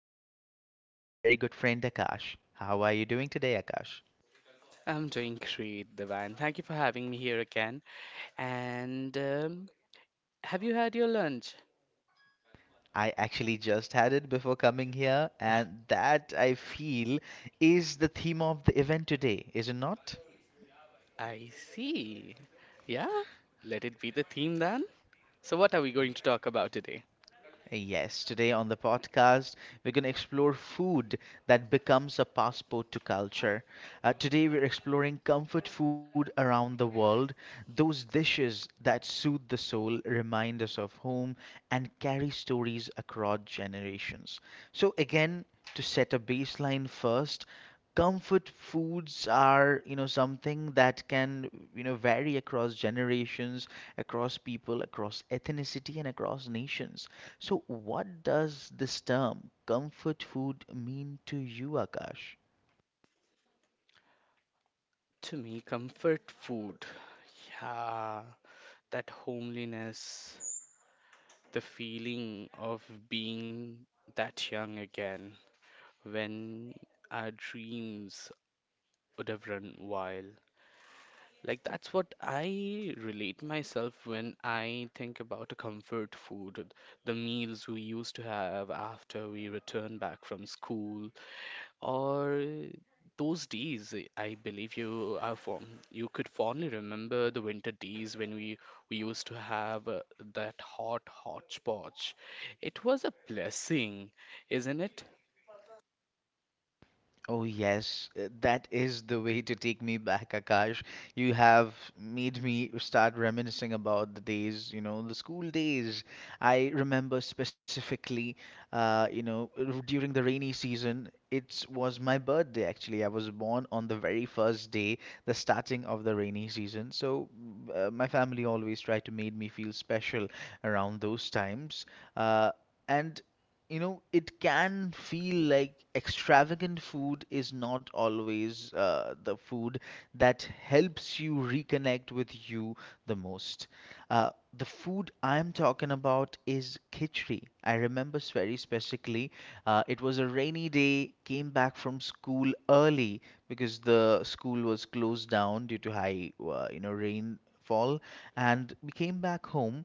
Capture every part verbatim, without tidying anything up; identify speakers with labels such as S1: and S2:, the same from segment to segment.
S1: once again by my very good friend, Akash. How are you doing today, Akash?
S2: I'm doing great, Devan. Thank you for having me here again. And um, Have you had your lunch?
S1: I actually just had it before coming here, and that I feel is the theme of the event today, is it not?
S2: I see. Yeah, let it be the theme then. So, what are we going to talk about today?
S1: Yes, today on the podcast, we're going to explore food that becomes a passport to culture. Uh, today, we're exploring comfort food around the world, those dishes that soothe the soul, remind us of home, and carry stories across generations. So, again, to set a baseline first, comfort foods are you know something that can you know vary across generations, across people, across ethnicity, and across nations. So, what does this term comfort food mean to you, Akash?
S2: To me, comfort food. Yeah, that homeliness, the feeling of being that young again when our dreams would have run wild. Like that's what I relate myself when I think about a comfort food, the meals we used to have after we return back from school, or those days. I believe you are fond, you could fondly remember the winter days when we we used to have uh, that hot hodgepodge. It was a blessing, isn't it?
S1: Oh, yes, uh, that is the way to take me back, Akash. You have made me start reminiscing about the days, you know, the school days. I remember specifically, uh, you know, r- during the rainy season, it was my birthday actually. I was born on the very first day, the starting of the rainy season. So uh, my family always tried to make me feel special around those times. Uh, and you know it can feel like extravagant food is not always uh, the food that helps you reconnect with you the most. uh, the food I'm talking about is khichdi. I remember very specifically, uh, it was a rainy day. Came back from school early because the school was closed down due to high uh, you know rainfall, and we came back home,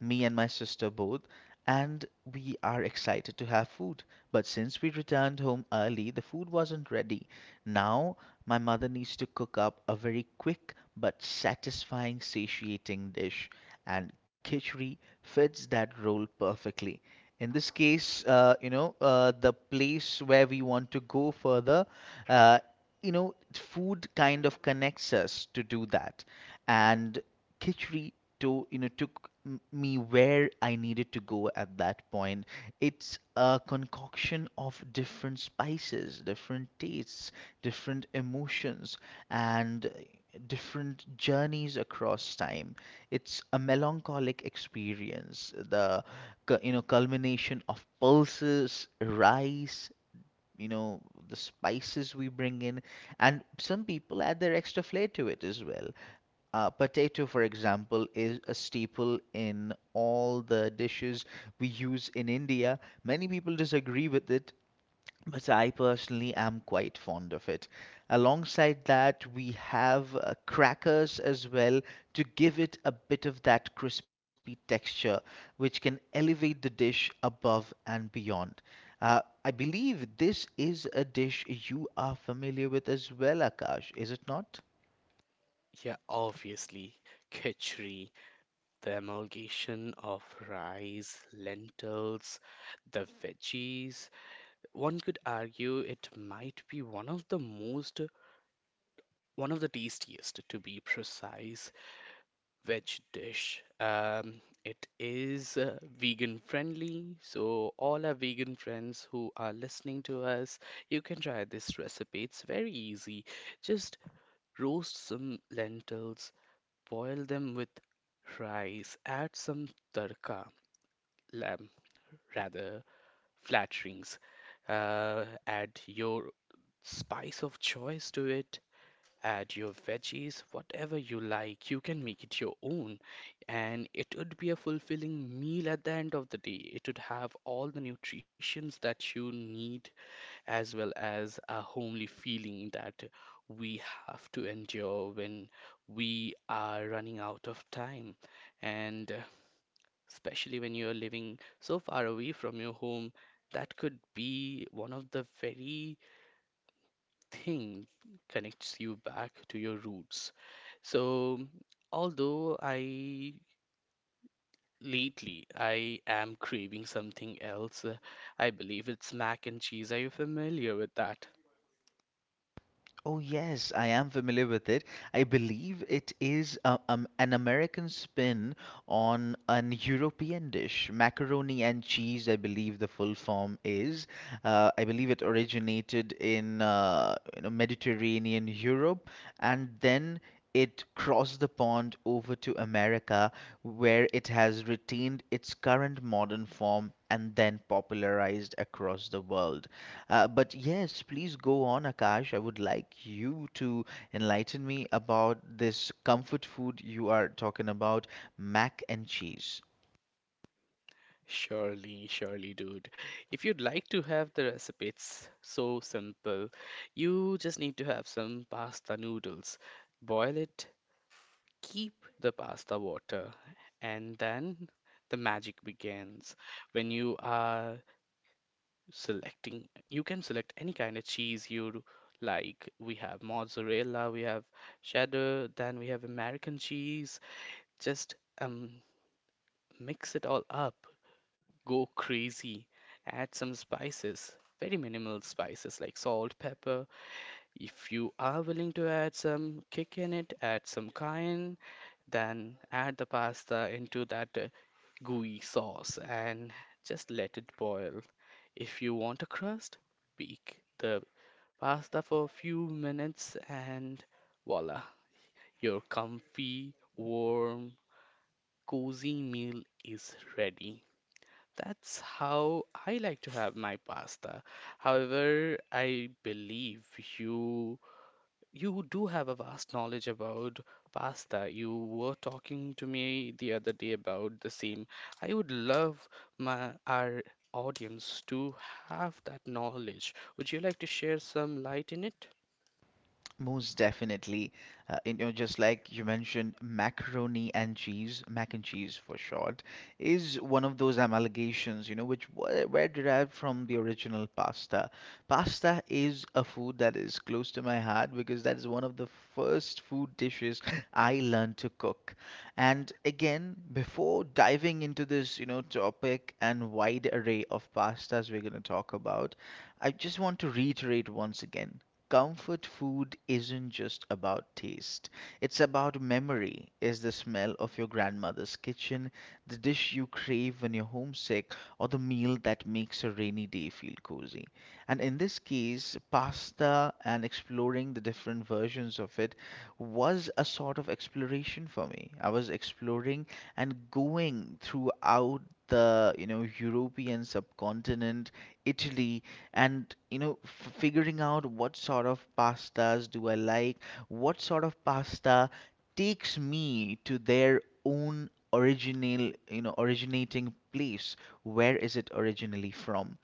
S1: me and my sister both, and we are excited to have food. But since we returned home early, the food wasn't ready. Now my mother needs to cook up a very quick but satisfying, satiating dish, and khichdi fits that role perfectly. In this case, uh, you know, uh, the place where we want to go further, uh, you know, food kind of connects us to do that. And khichdi, to you know took m- me where I needed to go at that point. It's a concoction of different spices, different tastes, different emotions, and different journeys across time. It's a melancholic experience, the cu- you know culmination of pulses, rice. You know, the spices we bring in, and some people add their extra flair to it as well. Uh, potato, for example, is a staple in all the dishes we use in India. Many people disagree with it, but I personally am quite fond of it. Alongside that, we have uh, crackers as well to give it a bit of that crispy texture, which can elevate the dish above and beyond. Uh, I believe this is a dish you are familiar with as well, Akash, is it not?
S2: Yeah, obviously, khichdi, the amalgamation of rice, lentils, the veggies. One could argue it might be one of the most, one of the tastiest, to be precise, veg dish. Um, it is uh, vegan friendly, so all our vegan friends who are listening to us, you can try this recipe. It's very easy. Just roast some lentils, boil them with rice, add some tadka, um, rather flatterings. Uh, add your spice of choice to it, add your veggies, whatever you like. You can make it your own, and it would be a fulfilling meal at the end of the day. It would have all the nutritions that you need, as well as a homely feeling that we have to endure when we are running out of time. And uh, Especially when you are living so far away from your home. That could be one of the very thing connects you back to your roots. So, although I lately I am craving something else. Uh, I believe it's mac and cheese. Are you familiar with that?
S1: Oh, yes, I am familiar with it. I believe it is uh, um, an American spin on an European dish, macaroni and cheese, I believe the full form is. Uh, I believe it originated in uh, you know, Mediterranean Europe, and then it crossed the pond over to America, where it has retained its current modern form and then popularized across the world. Uh, but yes, please go on, Akash. I would like you to enlighten me about this comfort food you are talking about, mac and cheese.
S2: Surely, surely, dude. If you'd like to have the recipe, it's so simple. You just need to have some pasta noodles. Boil it, keep the pasta water, and then the magic begins when you are selecting you can select any kind of cheese you like. We have mozzarella, we have cheddar, then we have American cheese. Just um mix it all up, go crazy. Add some spices, very minimal spices like salt, pepper. If you are willing to add some kick in it, add some cayenne, then add the pasta into that uh, gooey sauce and just let it boil. If you want a crust, bake the pasta for a few minutes and voila, your comfy, warm, cozy meal is ready. That's how I like to have my pasta. However, I believe you you do have a vast knowledge about pasta. You were talking to me the other day about the same. I would love my our audience to have that knowledge. Would you like to share some light in it?
S1: Most definitely. Uh, you know, just like you mentioned, macaroni and cheese, mac and cheese for short, is one of those amalgamations, you know, which were, were derived from the original pasta. Pasta is a food that is close to my heart because that is one of the first food dishes I learned to cook. And again, before diving into this, you know, topic and wide array of pastas we're going to talk about, I just want to reiterate once again, comfort food isn't just about taste. It's about memory. Is the smell of your grandmother's kitchen, the dish you crave when you're homesick, or the meal that makes a rainy day feel cozy? And in this case, pasta and exploring the different versions of it was a sort of exploration for me. I was exploring and going throughout the you know European subcontinent, Italy, and you know f- figuring out what sort of pastas do I like, what sort of pasta takes me to their own original, you know originating place. Where is it originally from?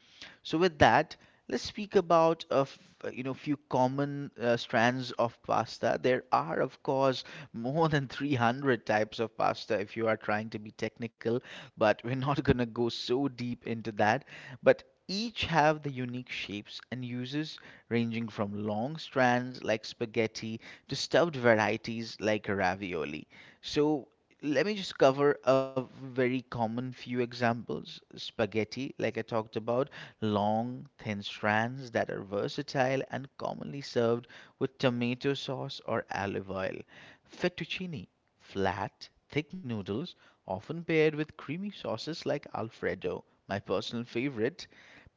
S1: So with that, let's speak about a f- you know few common uh, strands of pasta. There are of course more than three hundred types of pasta if you are trying to be technical, but we're not going to go so deep into that. But each have the unique shapes and uses, ranging from long strands like spaghetti to stuffed varieties like ravioli. So let me just cover a very common few examples. Spaghetti, like I talked about, long, thin strands that are versatile and commonly served with tomato sauce or olive oil. Fettuccine, flat, thick noodles, often paired with creamy sauces like Alfredo, my personal favorite.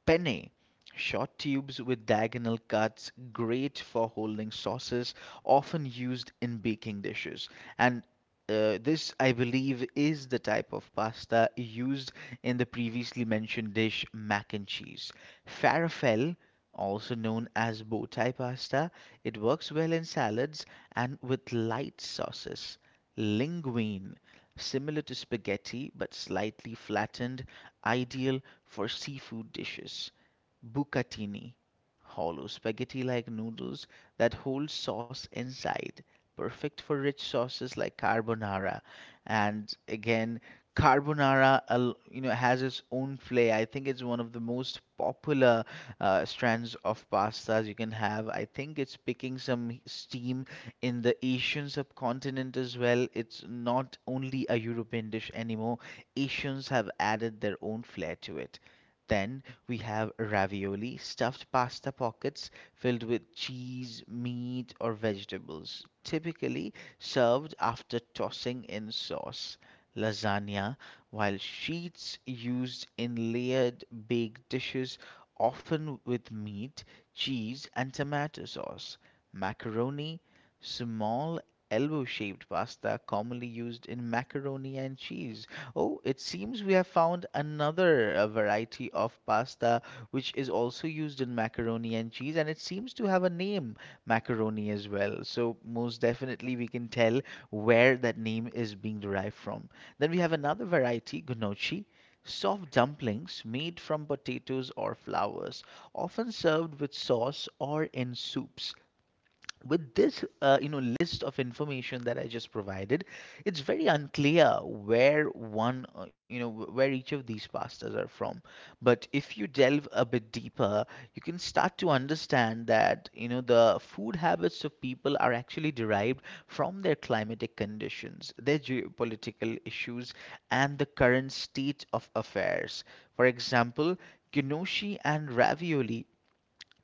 S1: Penne, short tubes with diagonal cuts, great for holding sauces, often used in baking dishes. And uh, this, I believe, is the type of pasta used in the previously mentioned dish, mac and cheese. Farfalle, also known as bow tie pasta, it works well in salads and with light sauces. Linguine, similar to spaghetti but slightly flattened, ideal for seafood dishes. Bucatini, hollow spaghetti like noodles that hold sauce inside, perfect for rich sauces like carbonara. And again, carbonara al- you know has its own flair. I think it's one of the most popular uh, strands of pastas you can have. I think it's picking some steam in the Asian subcontinent as well. It's not only a European dish anymore. Asians have added their own flair to it. Then we have ravioli, stuffed pasta pockets filled with cheese, meat, or vegetables, typically served after tossing in sauce. Lasagna, while sheets used in layered baked dishes, often with meat, cheese, and tomato sauce. Macaroni, small elbow shaped pasta commonly used in macaroni and cheese. Oh, it seems we have found another uh, variety of pasta which is also used in macaroni and cheese, and it seems to have a name, macaroni as well. So, most definitely, we can tell where that name is being derived from. Then we have another variety, gnocchi. Soft dumplings made from potatoes or flours, often served with sauce or in soups. With this uh, you know list of information that I just provided, it's very unclear where one uh, you know wh- where each of these pastas are from. But if you delve a bit deeper, you can start to understand that you know the food habits of people are actually derived from their climatic conditions, their geopolitical issues, and the current state of affairs. For example, gnocchi and ravioli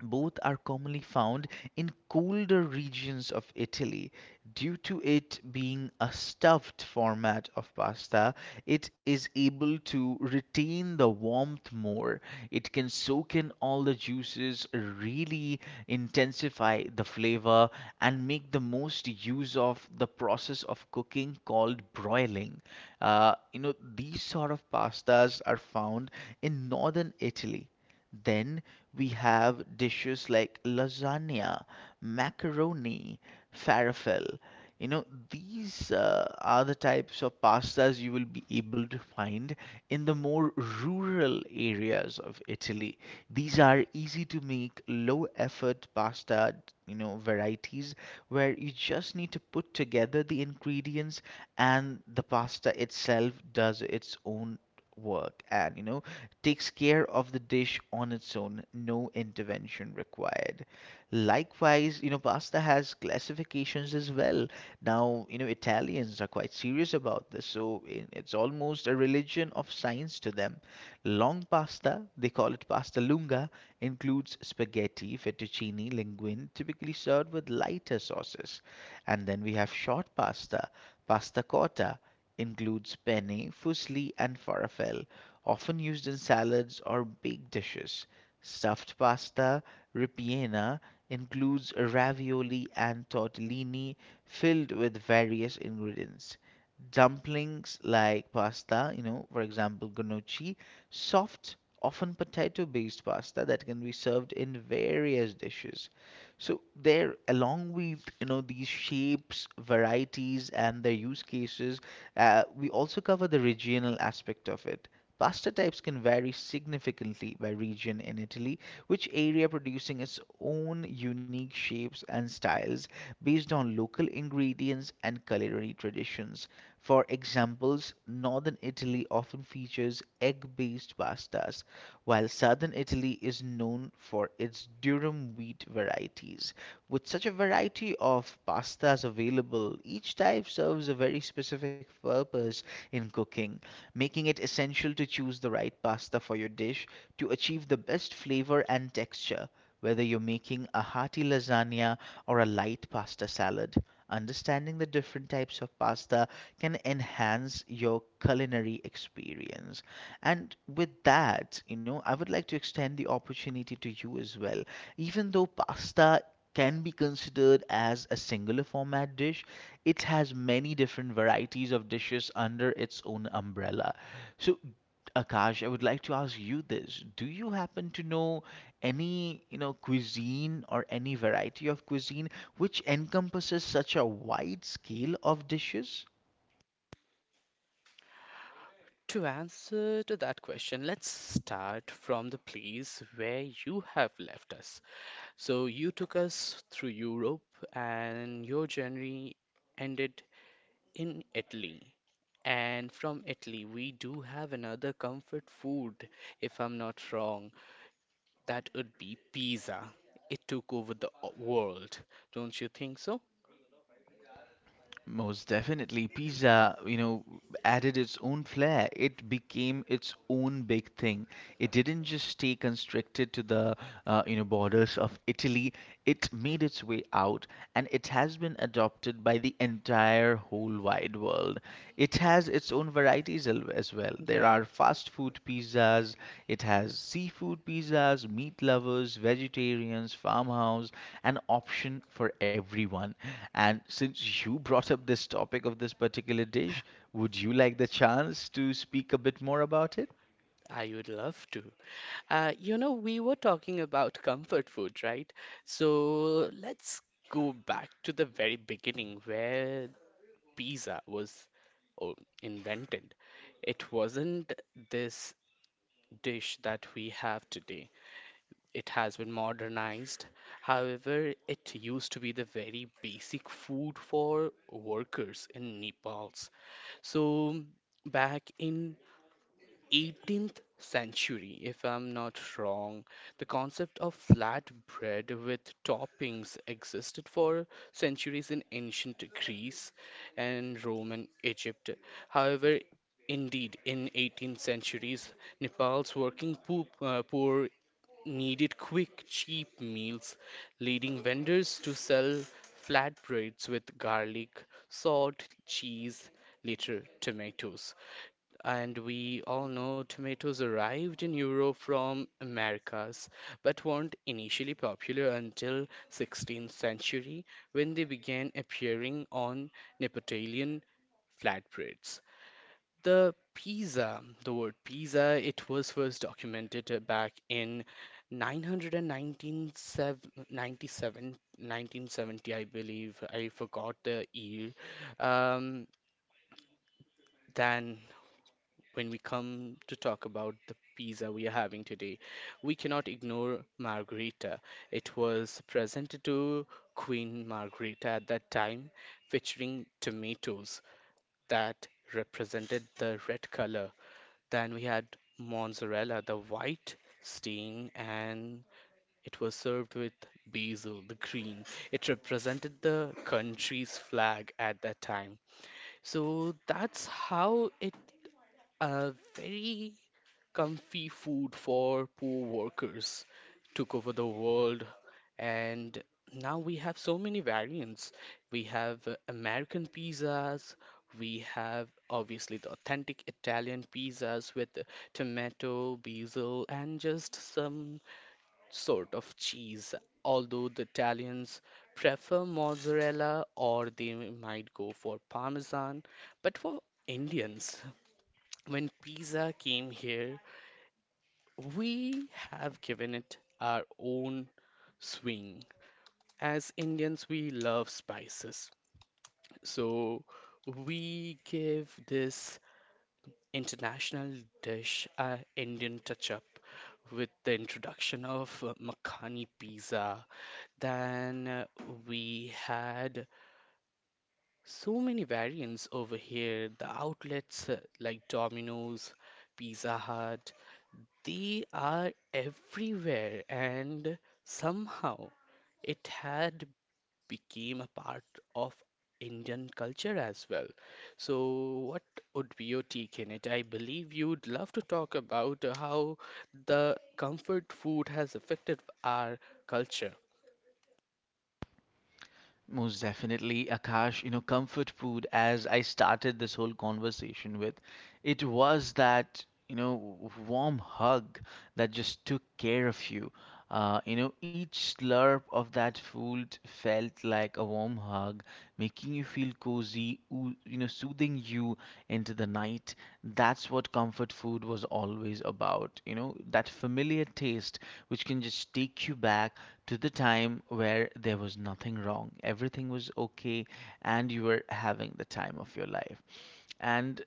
S1: both are commonly found in colder regions of Italy. Due to it being a stuffed format of pasta, it is able to retain the warmth more. It can soak in all the juices, really intensify the flavor, and make the most use of the process of cooking called broiling. Uh, you know, these sort of pastas are found in northern Italy. Then we have dishes like lasagna, macaroni, falafel. You know, these uh, are the types of pastas you will be able to find in the more rural areas of Italy. These are easy to make, low effort pasta, you know, varieties where you just need to put together the ingredients and the pasta itself does its own work and, you know, takes care of the dish on its own. No intervention required. Likewise, you know, pasta has classifications as well. Now, you know, Italians are quite serious about this, so i- it's almost a religion of science to them. Long pasta, they call it pasta lunga, includes spaghetti, fettuccine, linguine, typically served with lighter sauces. And then we have short pasta, pasta cotta, includes penne, fusilli, and falafel, often used in salads or baked dishes. Stuffed pasta, ripiena, includes ravioli and tortellini, filled with various ingredients. Dumplings like pasta, you know, for example, gnocchi, soft, often potato based pasta that can be served in various dishes. So there, along with you know these shapes, varieties, and their use cases, uh, we also cover the regional aspect of it. Pasta types can vary significantly by region in Italy, which area producing its own unique shapes and styles based on local ingredients and culinary traditions. For examples, northern Italy often features egg-based pastas, while southern Italy is known for its durum wheat varieties. With such a variety of pastas available, each type serves a very specific purpose in cooking, making it essential to choose the right pasta for your dish to achieve the best flavor and texture, whether you're making a hearty lasagna or a light pasta salad. Understanding the different types of pasta can enhance your culinary experience. And with that, you know, I would like to extend the opportunity to you as well. Even though pasta can be considered as a singular format dish, it has many different varieties of dishes under its own umbrella. So, Akash, I would like to ask you this. Do you happen to know any you know cuisine or any variety of cuisine which encompasses such a wide scale of dishes?
S2: To answer to that question, let's start from the place where you have left us. So you took us through Europe and your journey ended in Italy. And from Italy, we do have another comfort food, if I'm not wrong. That would be pizza. It took over the o- world. Don't you think so?
S1: Most definitely, pizza, you know, added its own flair. It became its own big thing. It didn't just stay constricted to the, uh, you know, borders of Italy. It made its way out, and it has been adopted by the entire whole wide world. It has its own varieties al- as well. There
S2: Yeah.
S1: are fast food pizzas, it has seafood pizzas, meat lovers, vegetarians, farmhouse, an option for everyone. And since you brought up this topic of this particular dish, would you like the chance to speak a bit more about it?
S2: I would love to. Uh, you know, we were talking about comfort food, right? So let's go back to the very beginning where pizza was, oh, invented. It wasn't this dish that we have today. It has been modernized. However, it used to be the very basic food for workers in Nepal's. So back in eighteenth century, if I'm not wrong, the concept of flatbread with toppings existed for centuries in ancient Greece and Roman Egypt. However, indeed, in eighteenth centuries, Nepal's working poor, uh, poor needed quick, cheap meals, leading vendors to sell flatbreads with garlic, salt, cheese, later tomatoes. And we all know tomatoes arrived in Europe from Americas, but weren't initially popular until sixteenth century when they began appearing on Neapolitan flatbreads. The pizza, the word pizza, it was first documented uh, back in nine ninety-seven, nineteen seventy, I believe. I forgot the year. Um, than when we come to talk about the pizza we are having today, we cannot ignore Margherita. It was presented to Queen Margherita at that time, featuring tomatoes that represented the red color. Then we had mozzarella, the white stain, and it was served with basil, the green. It represented the country's flag at that time. So that's how it, a very comfy food for poor workers, took over the world, and now we have so many variants. We have uh, American pizzas, we have obviously the authentic Italian pizzas with uh, tomato, basil, and just some sort of cheese. Although the Italians prefer mozzarella or they might go for parmesan, but for Indians, when pizza came here, we have given it our own swing. As Indians, we love spices. So we give this international dish a Indian touch up with the introduction of uh, Makhani pizza. Then uh, we had so many variants over here. The outlets uh, like Domino's, Pizza Hut, they are everywhere, and somehow it had became a part of Indian culture as well. So, what would be your take in it? I believe you'd love to talk about uh, how the comfort food has affected our culture.
S1: Most definitely, Akash. You know, comfort food, as I started this whole conversation with, it was that, you know, w- warm hug that just took care of you. Uh, you know, each slurp of that food felt like a warm hug, making you feel feel cozy, oo- you know, soothing you into the night. That's what comfort food was always about. You know, that familiar taste which can just take you back to the time where there was nothing wrong, everything was okay, and you were having the time of your life. And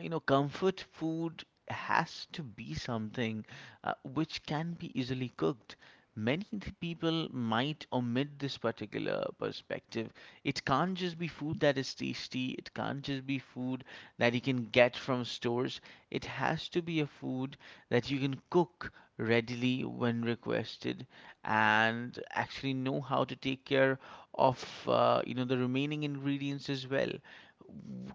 S1: you know comfort food has to be something uh, which can be easily cooked. Many th- people might omit this particular perspective. It can't just be food that is tasty, it can't just be food that you can get from stores, it has to be a food that you can cook readily when requested, and actually know how to take care of uh, you know the remaining ingredients as well.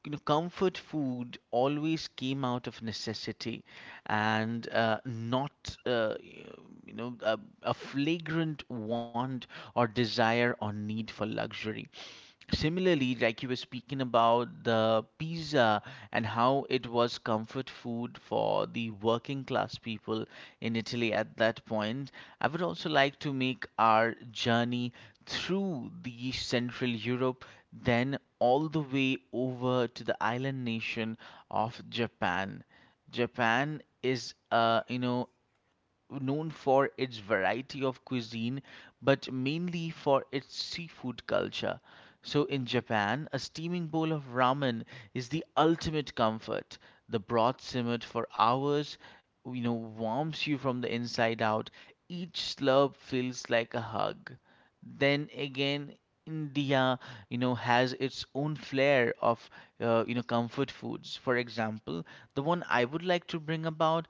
S1: you know, Comfort food always came out of necessity and uh, not, uh, you know, a, a flagrant want or desire or need for luxury. Similarly, like you were speaking about the pizza and how it was comfort food for the working class people in Italy at that point, I would also like to make our journey through the Central Europe then all the way over to the island nation of Japan. Japan is, uh, you know, known for its variety of cuisine, but mainly for its seafood culture. So, in Japan, a steaming bowl of ramen is the ultimate comfort. The broth simmered for hours, you know, warms you from the inside out. Each slurp feels like a hug. Then again, India, you know, has its own flair of, uh, you know, comfort foods. For example, the one I would like to bring about,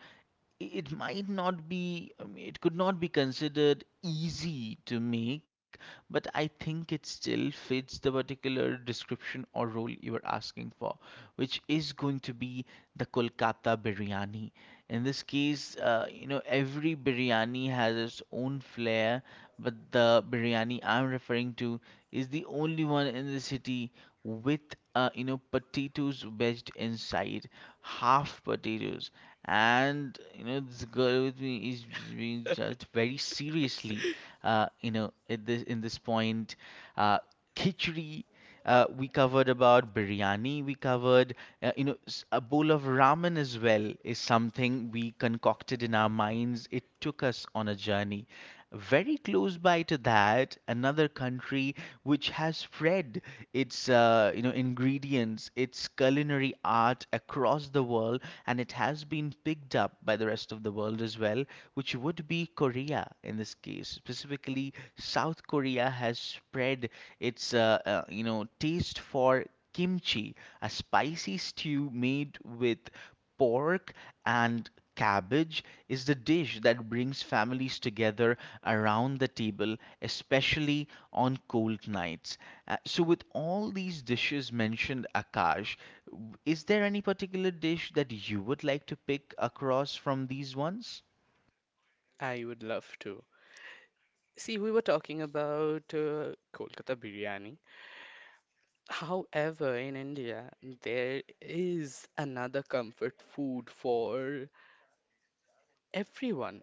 S1: it might not be, I mean, it could not be considered easy to make, but I think it still fits the particular description or role you are asking for, which is going to be the Kolkata biryani. In this case, uh, you know every biryani has its own flair, but the biryani I'm referring to is the only one in the city with, uh, you know potatoes wedged inside, half potatoes, and you know this girl with me is being judged very seriously. Uh, you know at this in this point, uh, khichdi. Uh, we covered about biryani. We covered, uh, you know, s- a bowl of ramen as well is something we concocted in our minds. It took us on a journey, very close by to that, another country which has spread its uh, you know ingredients, its culinary art across the world, and it has been picked up by the rest of the world as well, which would be Korea in this case. Specifically, South Korea has spread its uh, uh, you know taste for kimchi, a spicy stew made with pork and cabbage, is the dish that brings families together around the table, especially on cold nights. Uh, so, with all these dishes mentioned, Akash, w- is there any particular dish that you would like to pick across from these ones?
S2: I would love to. See, we were talking about uh, Kolkata biryani. However, in India, there is another comfort food for everyone,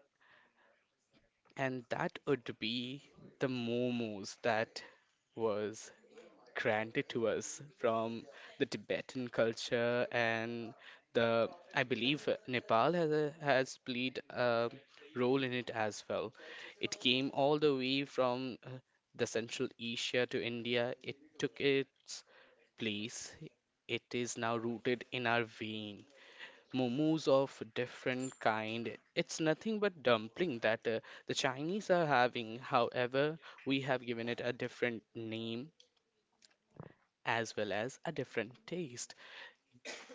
S2: and that would be the momos that was granted to us from the Tibetan culture, and the I believe Nepal has a, has played a role in it as well. It came all the way from uh, the Central Asia to India. It took its place. It is now rooted in our vein. Momos of different kind. It's nothing but dumpling that uh, the Chinese are having. However, we have given it a different name as well as a different taste.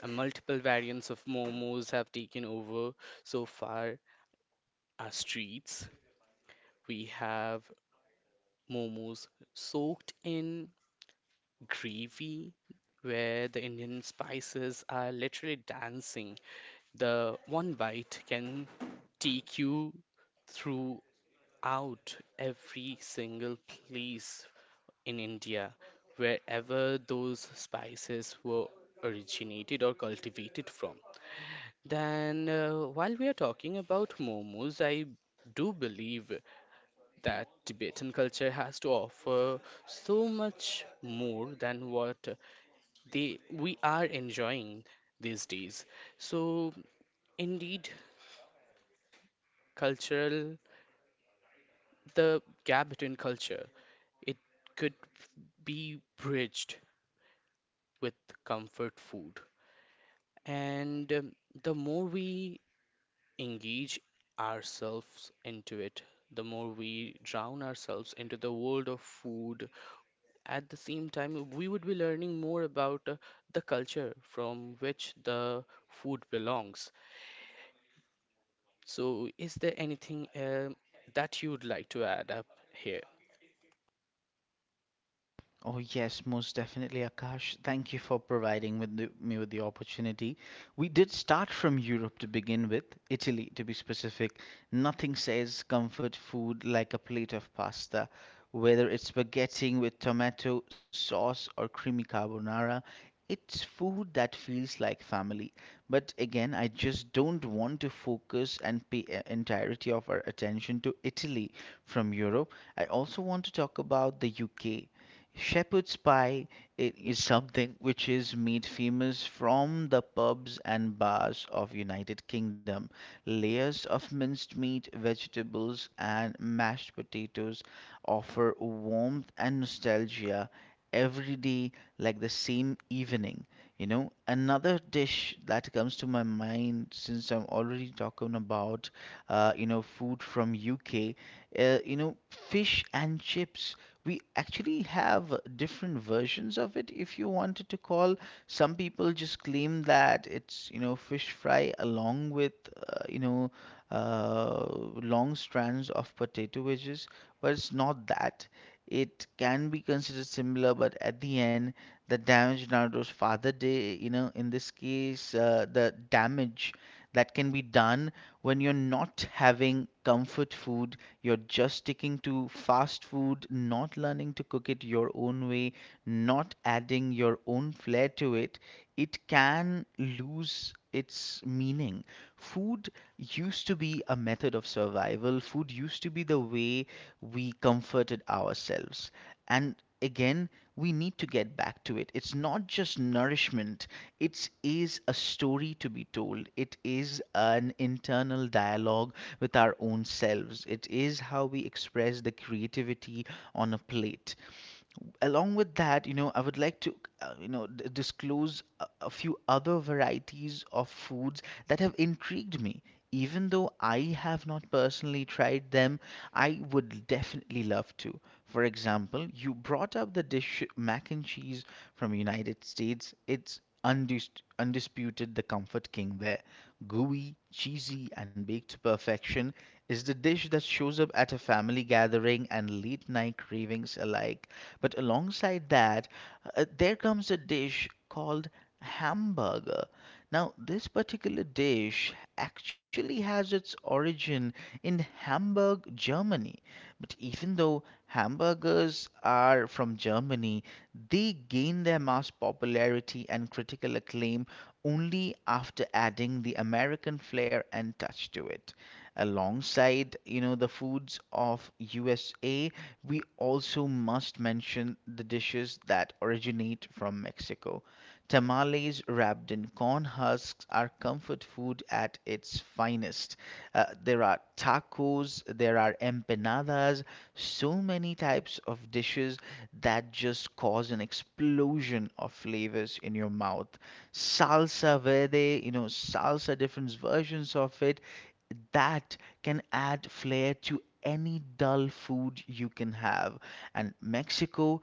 S2: And multiple variants of momos have taken over so far our streets. We have momos soaked in gravy, where the Indian spices are literally dancing. The one bite can take you throughout every single place in India, wherever those spices were originated or cultivated from. Then, uh, while we are talking about momos, I do believe that Tibetan culture has to offer so much more than what they we are enjoying these days. So, indeed, cultural the gap between culture, it could be bridged with comfort food. And um, The more we engage ourselves into it, the more we drown ourselves into the world of food. At the same time, we would be learning more about uh, the culture from which the food belongs. So, is there anything um that you'd like to add up here?
S1: Oh, yes, most definitely, Akash. Thank you for providing with the, me with the opportunity. We did start from Europe to begin with, Italy to be specific. Nothing says comfort food like a plate of pasta, whether it's spaghetti with tomato sauce or creamy carbonara. It's food that feels like family. But again, I just don't want to focus and pay e- entirety of our attention to Italy from Europe. I also want to talk about the U K. Shepherd's pie i- is something which is made famous from the pubs and bars of United Kingdom. Layers of minced meat, vegetables and mashed potatoes offer warmth and nostalgia every day, like the same evening. You know, another dish that comes to my mind since I'm already talking about uh, you know food from U K, uh, you know, fish and chips, we actually have different versions of it if you wanted to call. Some people just claim that it's, you know fish fry along with, uh, you know uh, long strands of potato wedges, but it's not that. It can be considered similar, but at the end, the damage Naruto's father did, you know in this case, uh, the damage that can be done when you're not having comfort food, you're just sticking to fast food, not learning to cook it your own way, not adding your own flair to it, it can lose its meaning. Food used to be a method of survival, food used to be the way we comforted ourselves. And again, we need to get back to it. It's not just nourishment, it is a story to be told. It is an internal dialogue with our own selves. It is how we express the creativity on a plate. Along with that, you know I would like to, uh, you know d- disclose a, a few other varieties of foods that have intrigued me. Even though I have not personally tried them, I would definitely love to. For example, you brought up the dish mac and cheese from United States. It's undis- undisputed the comfort king there. Gooey, cheesy, and baked to perfection is the dish that shows up at a family gathering and late night cravings alike. But alongside that, uh, there comes a dish called hamburger. Now, this particular dish actually has its origin in Hamburg, Germany. But even though hamburgers are from Germany, they gained their mass popularity and critical acclaim only after adding the American flair and touch to it. Alongside, you know, the foods of U S A, we also must mention the dishes that originate from Mexico. Tamales wrapped in corn husks are comfort food at its finest. Uh, there are tacos, there are empanadas, so many types of dishes that just cause an explosion of flavors in your mouth. Salsa verde, you know, salsa, different versions of it, that can add flair to any dull food you can have. And Mexico,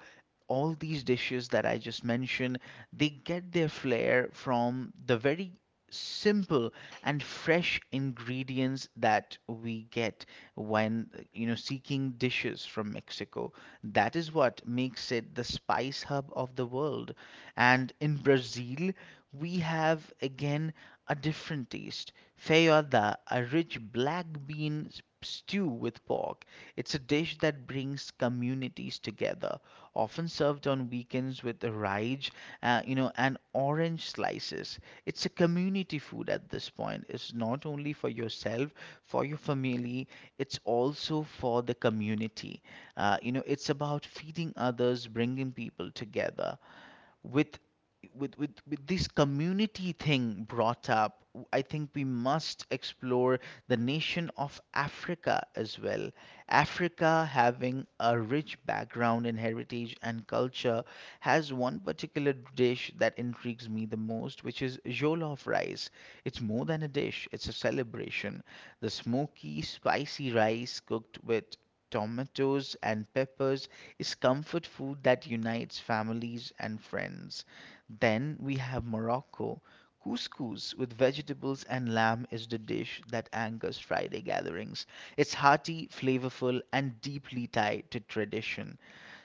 S1: all these dishes that I just mentioned, they get their flair from the very simple and fresh ingredients that we get when you know seeking dishes from Mexico. That is what makes it the spice hub of the world. And in Brazil, we have again a different taste. Feijoada, a rich black bean s- stew with pork. It's a dish that brings communities together, often served on weekends with raj, uh, you know, and orange slices. It's a community food at this point. It's not only for yourself, for your family, it's also for the community. Uh, you know, it's about feeding others, bringing people together with with with, with this community thing brought up. I think we must explore the nation of Africa as well. Africa, having a rich background in heritage and culture, has one particular dish that intrigues me the most, which is jollof rice. It's more than a dish, it's a celebration. The smoky spicy rice cooked with tomatoes and peppers is comfort food that unites families and friends. Then we have Morocco. Couscous with vegetables and lamb is the dish that angers Friday gatherings. It's hearty, flavorful, and deeply tied to tradition.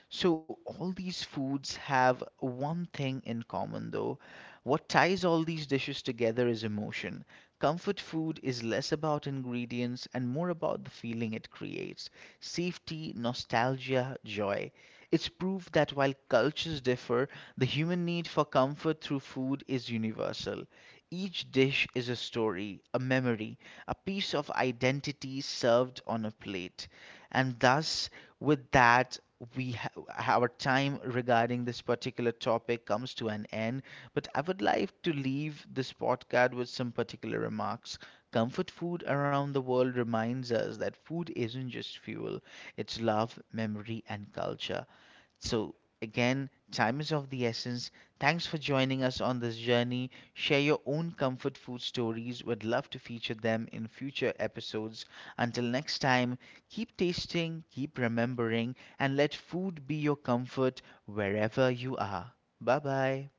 S1: So, all these foods have one thing in common though. What ties all these dishes together is emotion. Comfort food is less about ingredients and more about the feeling it creates: safety, nostalgia, joy. It's proof that while cultures differ, the human need for comfort through food is universal. Each dish is a story, a memory, a piece of identity served on a plate. And thus, with that, we ha- our time regarding this particular topic comes to an end. But I would like to leave this podcast with some particular remarks. Comfort food around the world reminds us that food isn't just fuel, it's love, memory, and culture. So, again, time is of the essence. Thanks for joining us on this journey. Share your own comfort food stories. We'd love to feature them in future episodes. Until next time, keep tasting, keep remembering, and let food be your comfort wherever you are. Bye bye.